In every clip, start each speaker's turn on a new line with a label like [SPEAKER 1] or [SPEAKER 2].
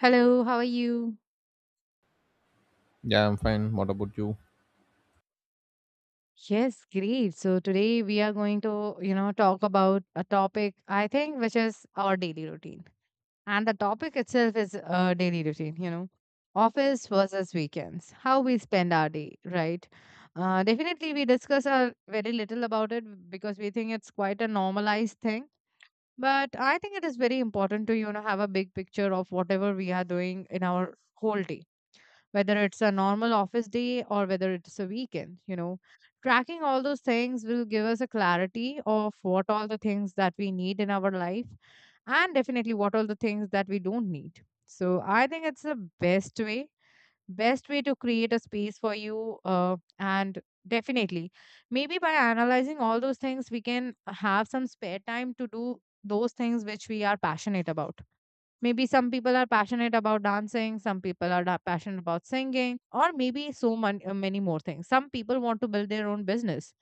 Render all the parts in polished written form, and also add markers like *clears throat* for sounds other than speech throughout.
[SPEAKER 1] Hello, how are you?
[SPEAKER 2] Yeah, I'm fine. What about you?
[SPEAKER 1] Yes, great. So today we are going to, talk about a topic I think which is our daily routine. And the topic itself is daily routine, office versus weekends, how we spend our day, right? Definitely we discuss very little about it because we think it's quite a normalized thing. But I think it is very important to, have a big picture of whatever we are doing in our whole day, whether it's a normal office day or whether it's a weekend. You know tracking all those things will give us a clarity of what all the things that we need in our life, and definitely what all the things that we don't need. So I think it's the best way best way to create a space for you, and definitely maybe by analyzing all those things we can have some spare time to do those things which we are passionate about. Maybe some people are passionate about dancing, some people are passionate about singing, or maybe many more things. Some people want to build their own business,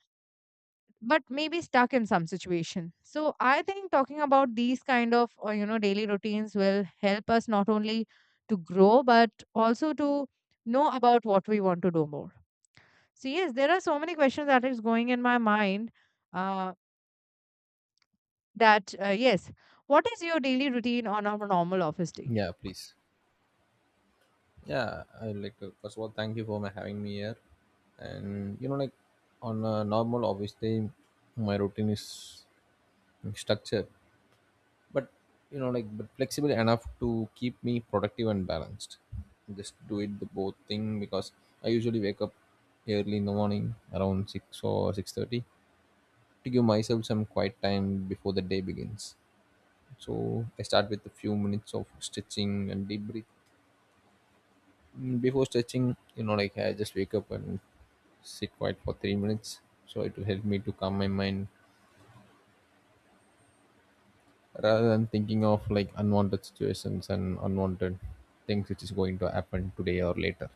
[SPEAKER 1] but maybe stuck in some situation. So I think talking about these kind of daily routines will help us not only to grow but also to know about what we want to do more. So yes, there are so many questions that is going in my mind. Uh, that yes, what is your daily routine on a normal office day?
[SPEAKER 2] Yeah, please. Yeah, I'd like to first of all thank you for my having me here. And you know, like on a normal obviously my routine is structured, but you know, like but flexible enough to keep me productive and balanced. Just do it the both thing because I usually wake up early in the morning around 6 or 6:30 to give myself some quiet time before the day begins. So I start with a few minutes of stretching and deep breath. Before stretching, you know, like I just wake up and sit quiet for 3 minutes. So it will help me to calm my mind rather than thinking of like unwanted situations and unwanted things which is going to happen today or later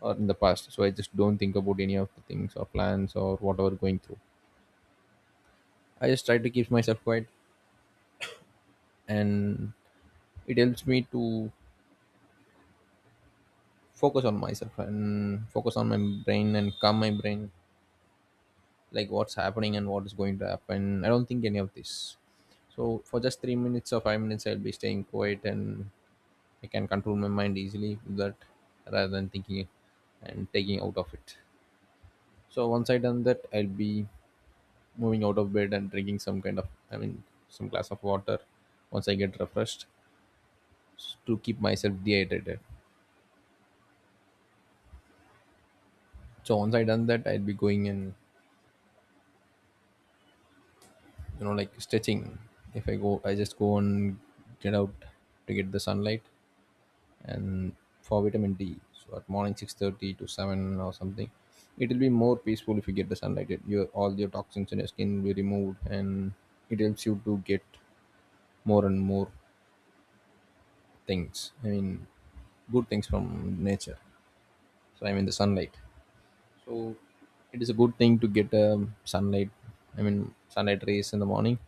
[SPEAKER 2] or in the past. So I just don't think about any of the things or plans or whatever going through. I just try to keep myself quiet and it helps me to focus on myself and focus on my brain and calm my brain like what's happening and what is going to happen. I don't think any of this. So for just 3 minutes or 5 minutes, I'll be staying quiet and I can control my mind easily with that rather than thinking and taking out of it. So once I done that, I'll be moving out of bed and drinking some kind of, I mean, some glass of water once I get refreshed to keep myself dehydrated. So once I done that, I'll be going and you know like stretching. If I go, I just go and get out to get the sunlight and for vitamin D. So at morning 6:30 to seven or something, it'll be more peaceful if you get the sunlight. It, your all your toxins in your skin will be removed, and it helps you to get more and more things. I mean, good things from nature. So I mean the sunlight. So it is a good thing to get sunlight. I mean sunlight rays in the morning.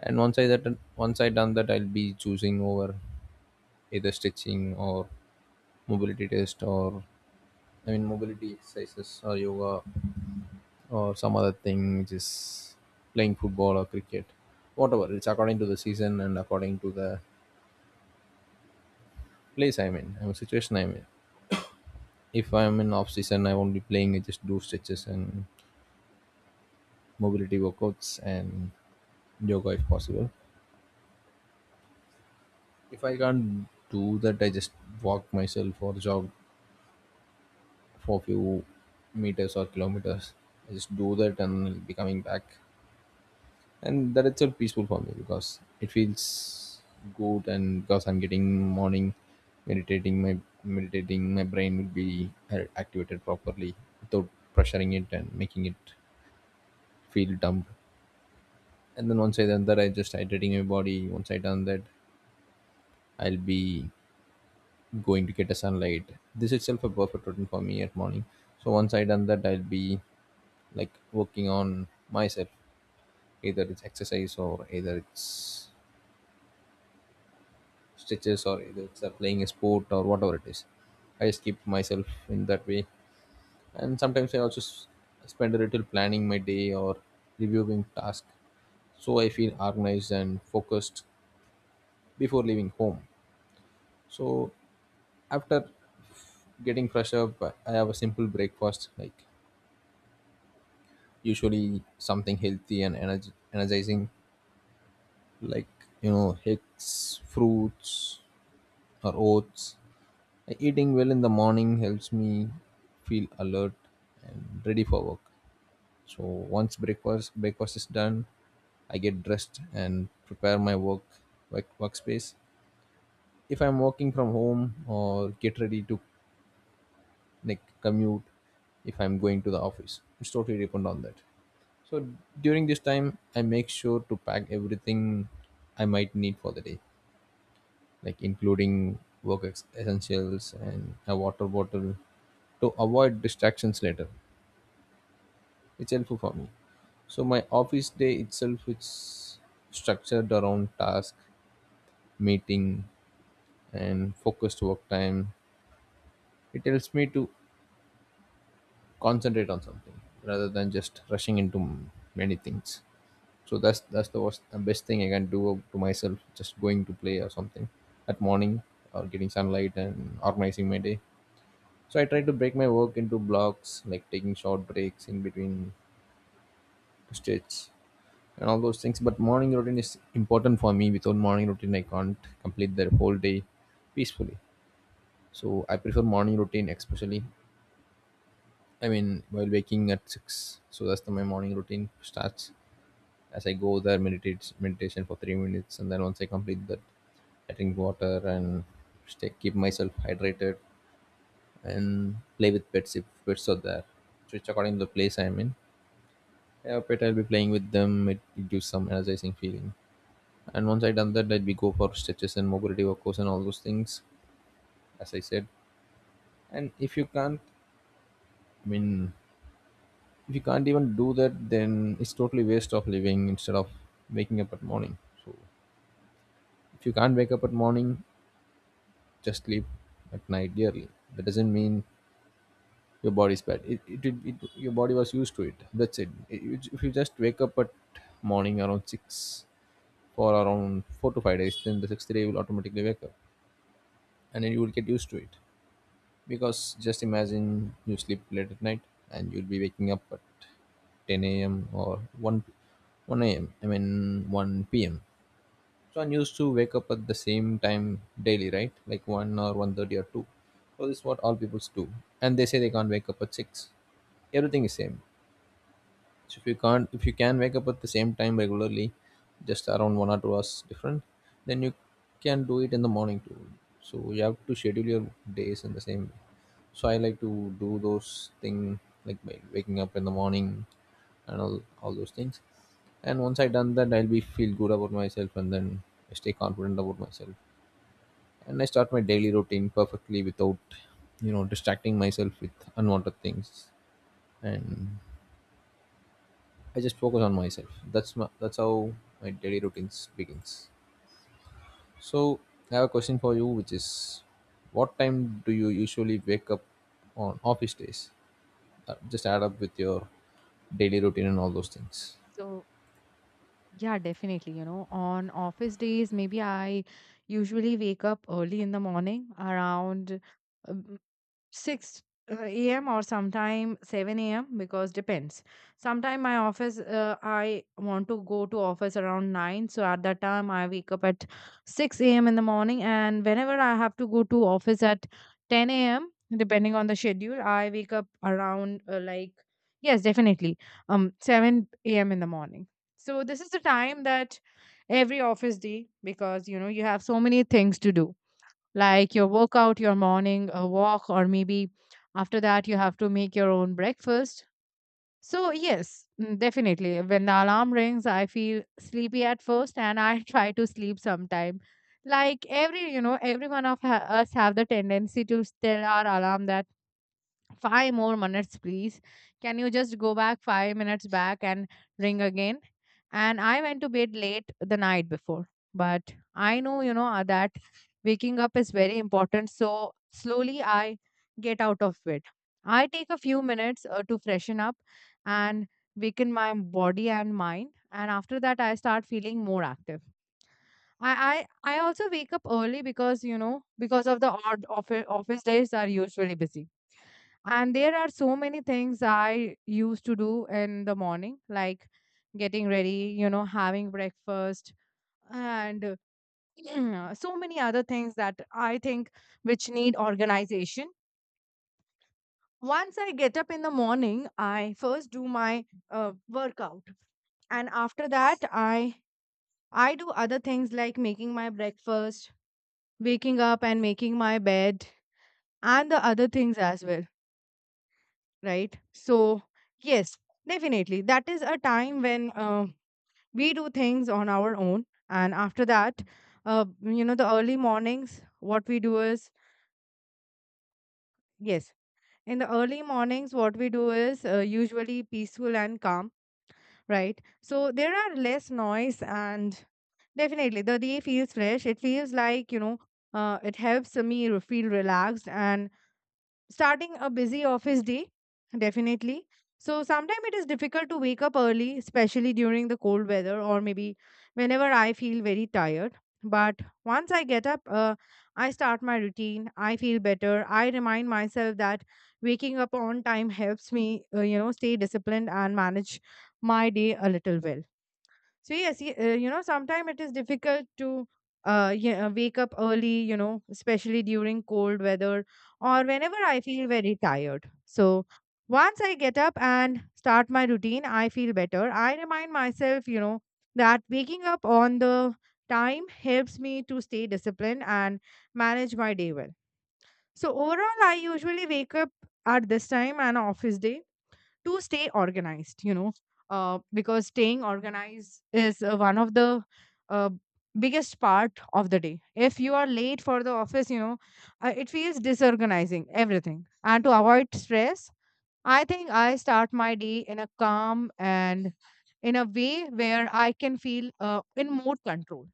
[SPEAKER 2] And once I done that, I'll be choosing over either stitching or mobility test or I mean, mobility exercises or yoga or some other thing, which is playing football or cricket, whatever. It's according to the season and according to the place I'm in, I'm situation I'm in. If I'm in off season, I won't be playing. I just do stretches and mobility workouts and yoga if possible. If I can't do that, I just walk myself or jog for a few meters or kilometers. I just do that and I'll be coming back. And that itself peaceful for me because it feels good and because I'm getting morning meditating my meditating my brain will be activated properly without pressuring it and making it feel dumb. And then once I done that, I just hydrating my body. Once I done that, I'll be going to get a sunlight. This itself a perfect routine for me at morning. So once I done that, I'll be like working on myself, either it's exercise or either it's stitches or either it's playing a sport or whatever it is. I just keep myself in that way. And sometimes I also spend a little planning my day or reviewing tasks, so I feel organized and focused before leaving home. So after getting fresh up, I have a simple breakfast, like usually something healthy and energizing, like you know, eggs, fruits, or oats. Eating well in the morning helps me feel alert and ready for work. So once breakfast is done, I get dressed and prepare my work, workspace. If I'm working from home or get ready to like commute, if I'm going to the office, it's totally depend on that. So during this time, I make sure to pack everything I might need for the day, like including work essentials and a water bottle to avoid distractions later. It's helpful for me. So my office day itself is structured around task, meeting, and focused work time. It helps me to concentrate on something rather than just rushing into many things. So that's the worst, the best thing I can do to myself. Just going to play or something at morning or getting sunlight and organizing my day. So I try to break my work into blocks, like taking short breaks in between to stretch and all those things. But morning routine is important for me. Without morning routine, I can't complete the whole day peacefully. So I prefer morning routine, especially. I mean, while waking at six, so that's the, my morning routine starts. As I go there, meditate meditation for 3 minutes, and then once I complete that, I drink water and keep myself hydrated and play with pets if pets are there. Switch according to the place I'm in. Yeah, but I'll be playing with them. It gives some energizing feeling. And once I done that, I'd be go for stretches and mobility workouts and all those things, as I said. And if you can't, I mean, if you can't even do that, then it's totally waste of living instead of waking up at morning. So if you can't wake up at morning, just sleep at night dearly. That doesn't mean your body's bad. It your body was used to it. That's it. If you just wake up at morning around six for around 4 to 5 days, then the sixth day you will automatically wake up and then you will get used to it. Because just imagine you sleep late at night and you'll be waking up at 10 a.m. or 1 a.m. I mean 1 p.m. So I'm used to wake up at the same time daily, right? Like 1 or 1:30 or 2. So this is what all people do. And they say they can't wake up at 6. Everything is same. So if you can't, if you can wake up at the same time regularly, just around 1 or 2 hours different, then you can do it in the morning too. So you have to schedule your days in the same way. So I like to do those thing like by waking up in the morning and all those things. And once I done that, I'll be feel good about myself and then I stay confident about myself. And I start my daily routine perfectly without, you know, distracting myself with unwanted things. And I just focus on myself. That's my, that's how my daily routines begins. So I have a question for you, which is, what time do you usually wake up on office days? Just add up with your daily routine and all those things.
[SPEAKER 1] So, yeah, definitely. You know, on office days, maybe I usually wake up early in the morning around um, 6 a.m. or sometime 7 a.m., because depends. Sometime my office, I want to go to office around 9. So at that time, I wake up at 6 a.m. in the morning. And whenever I have to go to office at 10 a.m., depending on the schedule, I wake up around yes, definitely, 7 a.m. in the morning. So this is the time that every office day, because you know, you have so many things to do like your workout, your morning walk, or maybe after that you have to make your own breakfast. So, yes, definitely. When the alarm rings, I feel sleepy at first and I *laughs* try to sleep sometime. Like every, you know, every one of us have the tendency to tell our alarm that five more minutes, please. Can you just go back 5 minutes back and ring again? And I went to bed late the night before, but I know, that waking up is very important. So slowly I get out of bed. I take a few minutes to freshen up and weaken my body and mind. And after that, I start feeling more active. I also wake up early because, you know, because of the odd office, office days are usually busy. And there are so many things I used to do in the morning, like getting ready, you know, having breakfast, and *clears throat* so many other things that I think which need organization. Once I get up in the morning, I first do my workout, and after that, I do other things like making my breakfast, waking up and making my bed, and the other things as well, right? So, yes, definitely. That is a time when we do things on our own. And after that, you know, the early mornings, what we do is, yes, in the early mornings, what we do is usually peaceful and calm, right? So, there are less noise and definitely the day feels fresh. It feels like, you know, it helps me feel relaxed and starting a busy office day definitely. So sometimes it is difficult to wake up early, especially during the cold weather or maybe whenever I feel very tired. But once I get up, I start my routine, I feel better. I remind myself that waking up on time helps me, you know, stay disciplined and manage my day a little well. So you know, sometimes it is difficult to, yeah, wake up early, you know, especially during cold weather or whenever I feel very tired. So once I get up and start my routine, I feel better. I remind myself, you know, that waking up on the time helps me to stay disciplined and manage my day well. So overall, I usually wake up at this time an office day to stay organized, you know, because staying organized is one of the uh, biggest part of the day. If you are late for the office, you know, it feels disorganizing everything, and to avoid stress I think I start my day in a calm and in a way where I can feel, in more control.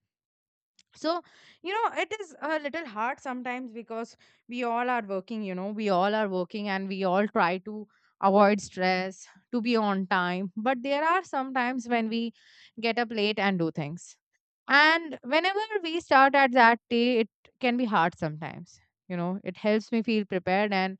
[SPEAKER 1] So, you know, it is a little hard sometimes because we all are working and we all try to avoid stress, to be on time. But there are some times when we get up late and do things. And whenever we start at that day, it can be hard sometimes. You know, it helps me feel prepared and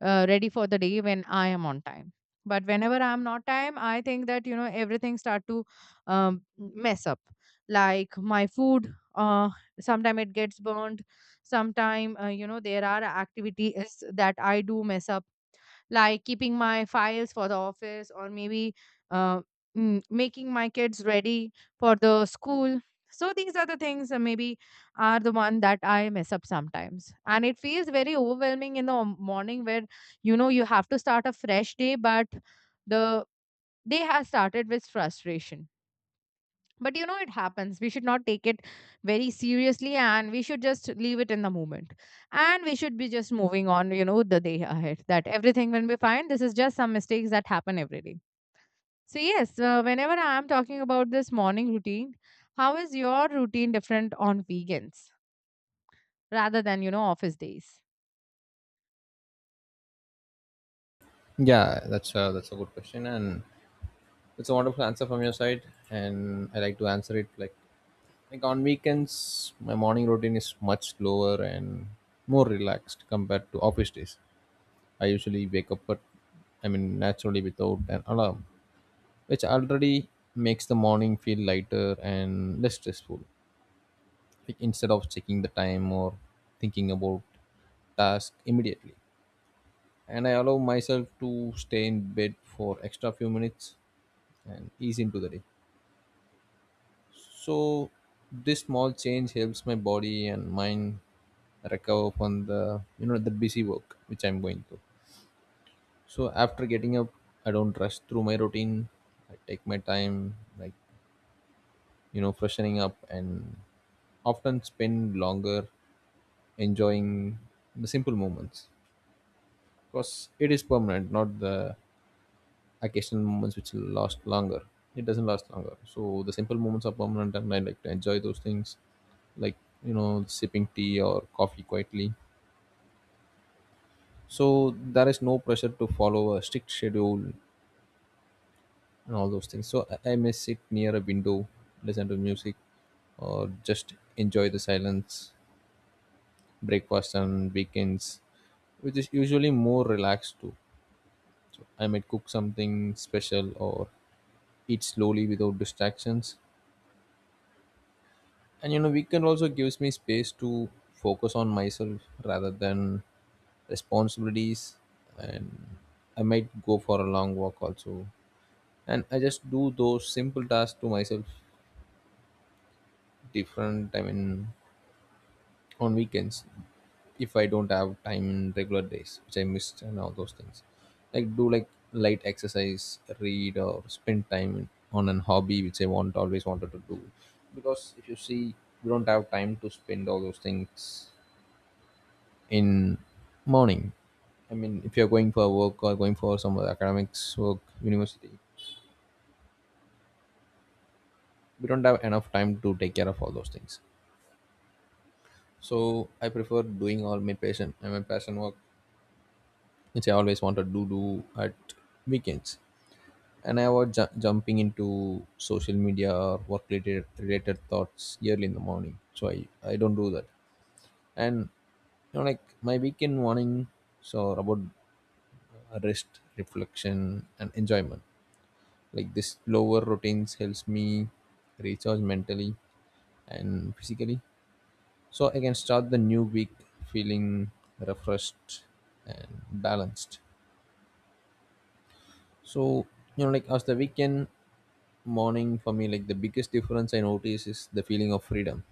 [SPEAKER 1] ready for the day when I am on time. But whenever I'm not time, I think that you know everything start to mess up. Like my food, sometime it gets burned. Sometime, you know, there are activities that I do mess up like keeping my files for the office, or maybe uh, making my kids ready for the school. So these are the things that maybe are the one that I mess up sometimes, and it feels very overwhelming in the morning where you know you have to start a fresh day, but the day has started with frustration. But you know it happens, we should not take it very seriously and we should just leave it in the moment, and we should be just moving on, you know, the day ahead, that everything will be fine. This is just some mistakes that happen every day. So yes, whenever I am talking about this morning routine, how is your routine different on weekends rather than, you know, office days?
[SPEAKER 2] Yeah, that's a good question, and it's a wonderful answer from your side. And I like to answer it like on weekends, my morning routine is much slower and more relaxed compared to office days. I usually wake up, but I mean, naturally without an alarm, which already makes the morning feel lighter and less stressful. Like instead of checking the time or thinking about task immediately, and I allow myself to stay in bed for extra few minutes and ease into the day. So this small change helps my body and mind recover from the you know the busy work which I'm going through. So after getting up, I don't rush through my routine. I take my time, like, you know, freshening up and often spend longer enjoying the simple moments, because it is permanent, not the occasional moments which last longer. It doesn't last longer. So the simple moments are permanent and I like to enjoy those things, like, you know, sipping tea or coffee quietly. So there is no pressure to follow a strict schedule and all those things. So I, may sit near a window, listen to music, or just enjoy the silence, breakfast and weekends, which is usually more relaxed too. I might cook something special or eat slowly without distractions. And you know, weekend also gives me space to focus on myself rather than responsibilities. And I might go for a long walk also. And I just do those simple tasks to myself different. I mean, on weekends if I don't have time in regular days, which I missed and all those things. Like do like light exercise, read or spend time on an hobby which I want always wanted to do. Because if you see we don't have time to spend all those things in morning. I mean if you're going for work or going for some other academics work, university, we don't have enough time to take care of all those things. So I prefer doing all my passion and my passion work which I always wanted to do at weekends. And jumping into social media or work related thoughts early in the morning. So I don't do that. And like my weekend morning, so about rest, reflection, and enjoyment. Like this lower routines helps me recharge mentally and physically, so I can start the new week feeling refreshed and balanced. So, like as the weekend morning for me, like the biggest difference I notice is the feeling of freedom.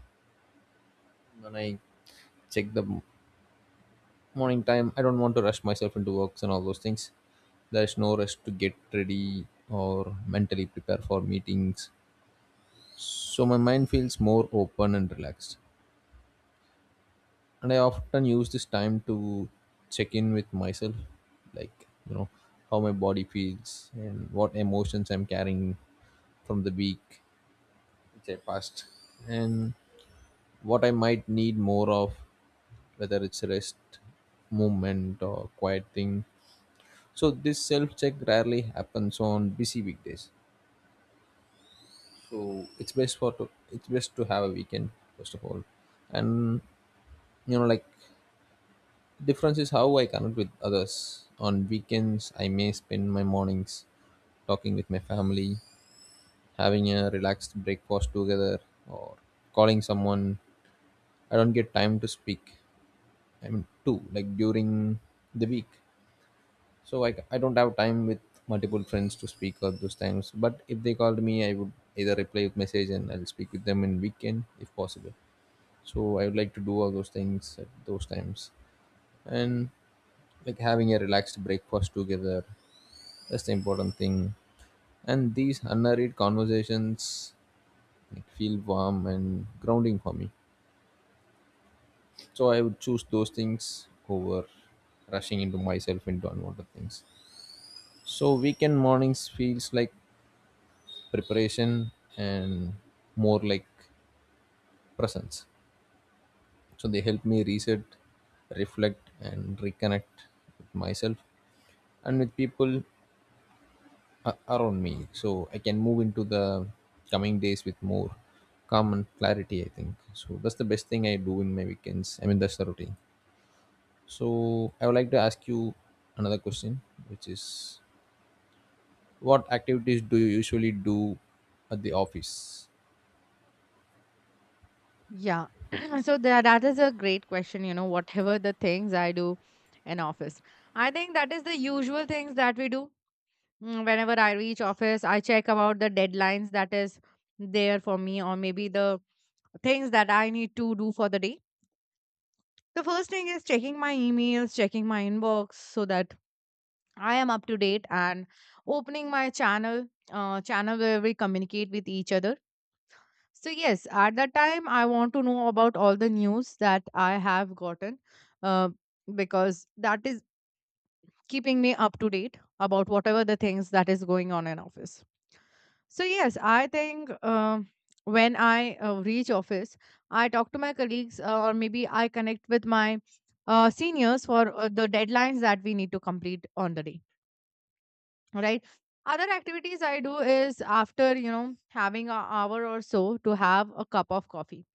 [SPEAKER 2] When I check the m- morning time, I don't want to rush myself into works and all those things. There is no rush to get ready or mentally prepare for meetings. So my mind feels more open and relaxed. And I often use this time to check in with myself, like, how my body feels and what emotions I'm carrying from the week which I passed, and what I might need more of, whether it's rest, movement, or quiet thing. So this self check rarely happens on busy weekdays. So it's best to have a weekend first of all, and like difference is how I connect with others. On weekends, I may spend my mornings talking with my family, having a relaxed breakfast together, or calling someone. I don't get time to speak, I mean, two, like during the week. So I don't have time with multiple friends to speak at those times. But if they called me, I would either reply with message and I'll speak with them in weekend if possible. So I would like to do all those things at those times. And like having a relaxed breakfast together, that's the important thing. And these unhurried conversations like, feel warm and grounding for me. So I would choose those things over rushing into myself into unwanted things. So weekend mornings feels like preparation and more like presence. So they help me reset, reflect, and reconnect with myself and with people around me. So I can move into the coming days with more calm and clarity. I think so. That's the best thing I do in my weekends. I mean that's the routine. So I would like to ask you another question, which is, what activities do you usually do at the office?
[SPEAKER 1] Yeah. *clears throat* So that is a great question. You know, whatever the things I do in office, I think that is the usual things that we do. Whenever I reach office, I check about the deadlines that is there for me, or maybe the things that I need to do for the day. The first thing is checking my emails, checking my inbox, so that I am up to date, and opening my channel, channel where we communicate with each other. So yes, at that time I want to know about all the news that I have gotten, uh, because that is keeping me up to date about whatever the things that is going on in office. So yes, I think when I reach office, I talk to my colleagues, or maybe I connect with my seniors for the deadlines that we need to complete on the day. Right. Other activities I do is after, you know, having an hour or so to have a cup of coffee,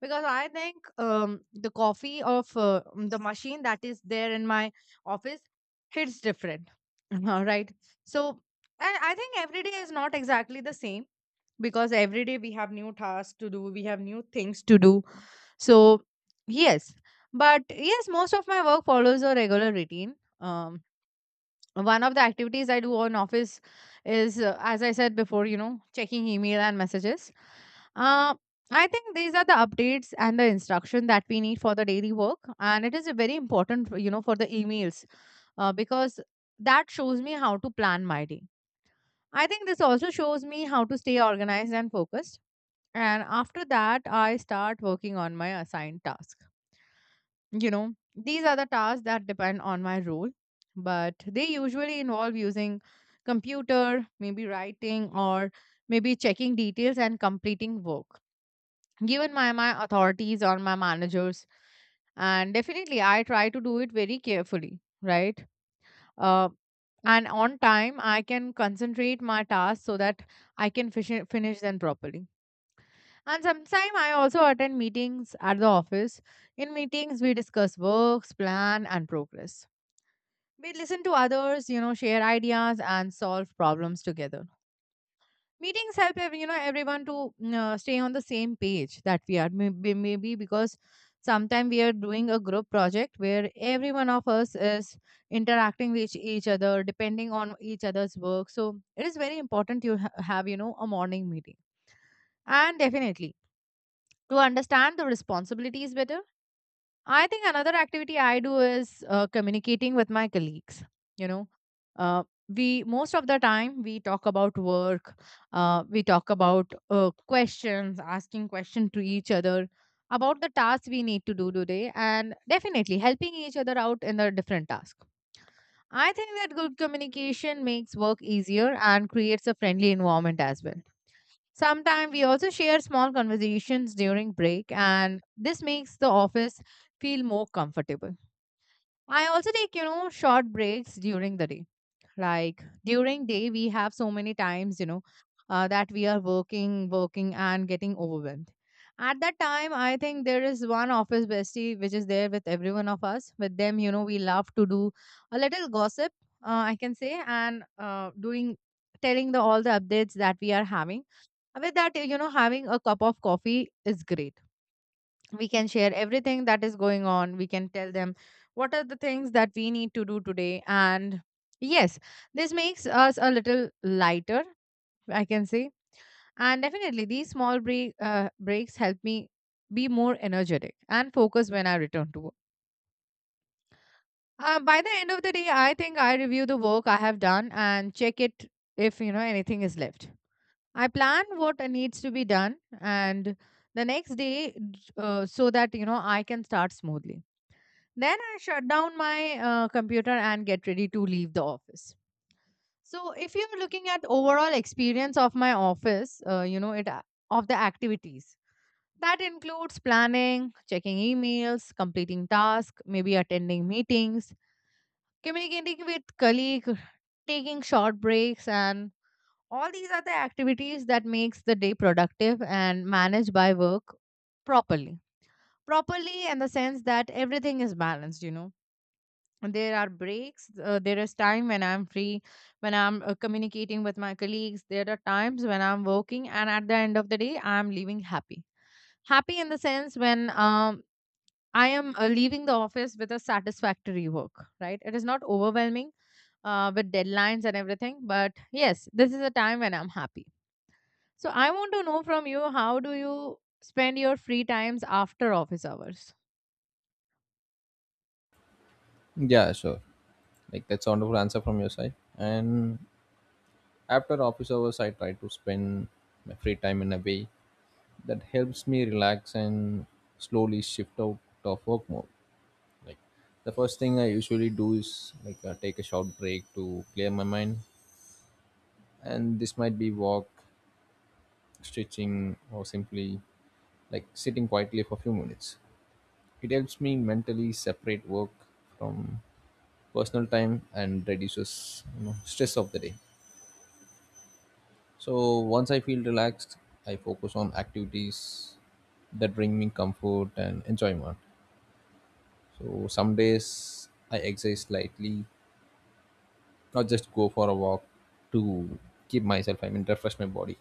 [SPEAKER 1] because I think the coffee of the machine that is there in my office hits different *laughs* all right? So, and I think every day is not exactly the same, because every day we have new tasks to do, we have new things to do. So yes, but yes, most of my work follows a regular routine. um, One of the activities I do on office is, as I said before, you know, checking email and messages. uh, I think these are the updates and the instruction that we need for the daily work, and it is a very important, you know, for the emails, because that shows me how to plan my day. I think this also shows me how to stay organized and focused. And after that I start working on my assigned task. You know, these are the tasks that depend on my role, but they usually involve using computer, maybe writing, or maybe checking details and completing work given by my authorities or my managers. And definitely, I try to do it very carefully, right? Uh, and on time, I can concentrate my tasks so that I can finish them properly. And sometimes I also attend meetings at the office. In meetings, we discuss works, plan, and progress. We listen to others, you know, share ideas and solve problems together. Meetings help, you know, everyone to stay on the same page that we are. Maybe because sometimes we are doing a group project where every one of us is interacting with each other, depending on each other's work. So it is very important you have, you know, a morning meeting. And definitely to understand the responsibilities better. I think another activity I do is communicating with my colleagues. You know, uh, we most of the time we talk about work, we talk about questions, asking questions to each other about the tasks we need to do today, and definitely helping each other out in the different tasks. I think that good communication makes work easier and creates a friendly environment as well. Sometimes we also share small conversations during break, and this makes the office feel more comfortable. I also take, you know, short breaks during the day. Like during day, we have so many times, that we are working, and getting overwhelmed. At that time, I think there is one office bestie which is there with every one of us. With them, you know, we love to do a little gossip, I can say, and doing telling the all the updates that we are having with that, you know, having a cup of coffee is great. We can share everything that is going on. We can tell them what are the things that we need to do today. And yes, this makes us a little lighter, I can say. And definitely, these breaks help me be more energetic and focused when I return to work. By the end of the day, I think I review the work I have done and check it if, you know, anything is left. I plan what needs to be done and the next day so that you know I can start smoothly. Then I shut down my computer and get ready to leave the office. So if you're looking at overall experience of my office, you know of the activities that includes planning, checking emails, completing tasks, maybe attending meetings, communicating with colleague, taking short breaks, and all these are the activities that makes the day productive and managed by work properly. Properly in the sense that everything is balanced, you know. There are breaks. There is time when I'm free, when I'm communicating with my colleagues. There are times when I'm working, and at the end of the day, I'm leaving happy. Happy in the sense when I am leaving the office with a satisfactory work, right? It is not overwhelming with deadlines and everything. But yes, this is a time when I'm happy. So I want to know from you, how do you spend your free times after office hours?
[SPEAKER 2] Yeah, sure. Like that's a wonderful answer from your side. And after office hours, I try to spend my free time in a way that helps me relax and slowly shift out of work mode. Like the first thing I usually do is take a short break to clear my mind, and this might be walk, stretching, or simply like sitting quietly for a few minutes. It helps me mentally separate work from personal time and reduces, stress of the day. So once I feel relaxed, I focus on activities that bring me comfort and enjoyment. So some days I exercise slightly or just go for a walk to keep myself, I mean, refresh my body.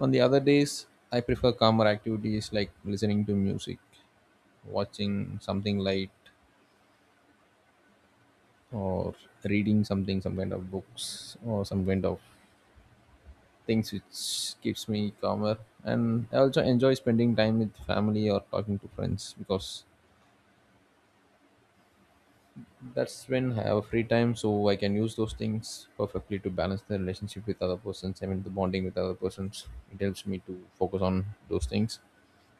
[SPEAKER 2] On the other days, I prefer calmer activities like listening to music, watching something light, or reading something, some kind of books, or some kind of things which keeps me calmer. And I also enjoy spending time with family or talking to friends, because that's when I have free time, so I can use those things perfectly to balance the relationship with other persons, I mean the bonding with other persons. It helps me to focus on those things,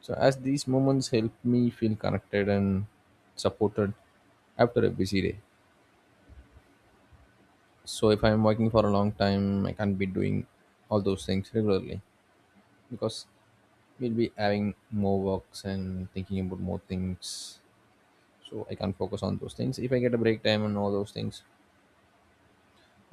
[SPEAKER 2] so as these moments help me feel connected and supported after a busy day. So if I'm working for a long time, I can't be doing all those things regularly, because we'll be having more works and thinking about more things. So I can't focus on those things if I get a break time and all those things.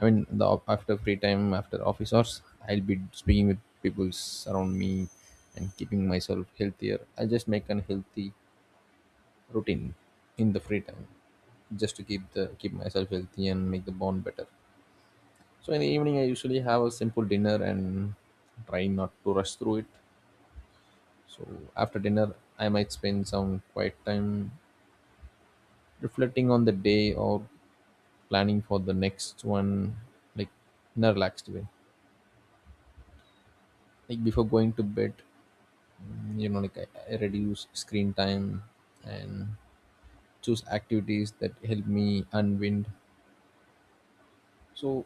[SPEAKER 2] I mean after free time after office hours, I'll be speaking with people around me and keeping myself healthier. I just make an healthy routine in the free time just to keep myself healthy and make the bond better. So in the evening I usually have a simple dinner and try not to rush through it. So after dinner I might spend some quiet time reflecting on the day or planning for the next one, like in a relaxed way. Like before going to bed, like I reduce screen time and choose activities that help me unwind. So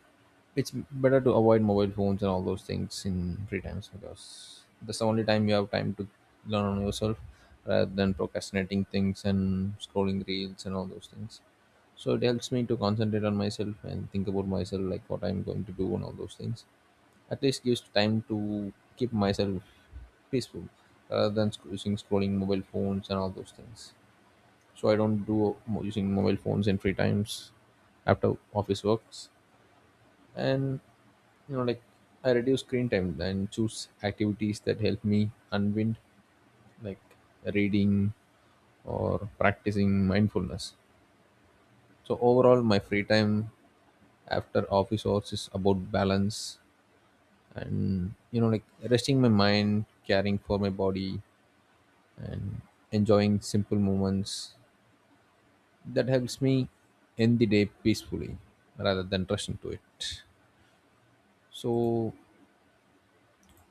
[SPEAKER 2] it's better to avoid mobile phones and all those things in free times, because that's the only time you have time to learn on yourself rather than procrastinating things and scrolling reels and all those things. So it helps me to concentrate on myself and think about myself, like what I'm going to do and all those things. At least gives time to keep myself peaceful rather than using scrolling mobile phones and all those things. So I don't do using mobile phones in free times after office works. And like I reduce screen time and choose activities that help me unwind, like reading or practicing mindfulness. So overall my free time after office hours is about balance, and like resting my mind, caring for my body, and enjoying simple moments that helps me end the day peacefully rather than rushing to it. So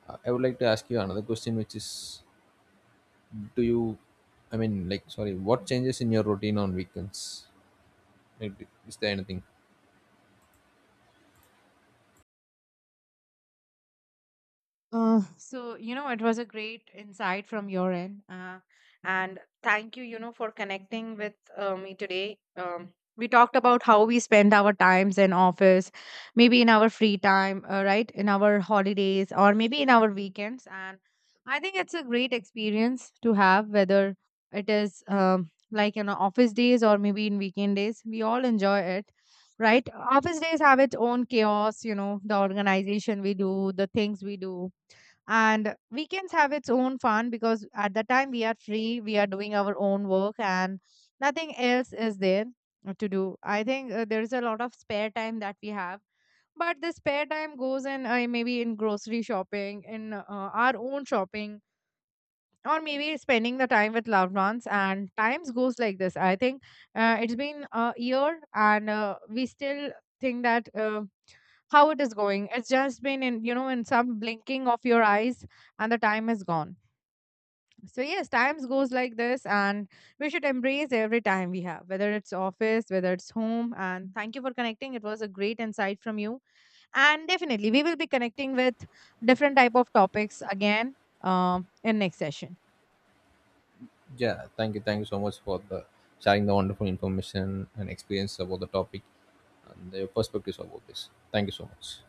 [SPEAKER 2] I would like to ask you another question, which is, do you, I mean, like, sorry, what changes in your routine on weekends? Like, is there anything.
[SPEAKER 1] So, you know, it was a great insight from your end. And thank you, you know, for connecting with me today. We talked about how we spend our times in office, maybe in our free time, right? In our holidays or maybe in our weekends. And I think it's a great experience to have, whether it is like in office days or maybe in weekend days. We all enjoy it, right? Office days have its own chaos, you know, the organization we do, the things we do, and weekends have its own fun, because at the time we are free, we are doing our own work and nothing else is there to do. I think there is a lot of spare time that we have, but the spare time goes in maybe in grocery shopping, in our own shopping, or maybe spending the time with loved ones, and times goes like this. I think it's been a year and we still think that how it is going, it's just been in, you know, in some blinking of your eyes, and the time is gone. So yes, times goes like this, and we should embrace every time we have, whether it's office, whether it's home. And thank you for connecting, it was a great insight from you, and definitely we will be connecting with different type of topics again, in next session.
[SPEAKER 2] Yeah, thank you, thank you so much for the sharing the wonderful information and experience about the topic and the perspectives about this. Thank you so much.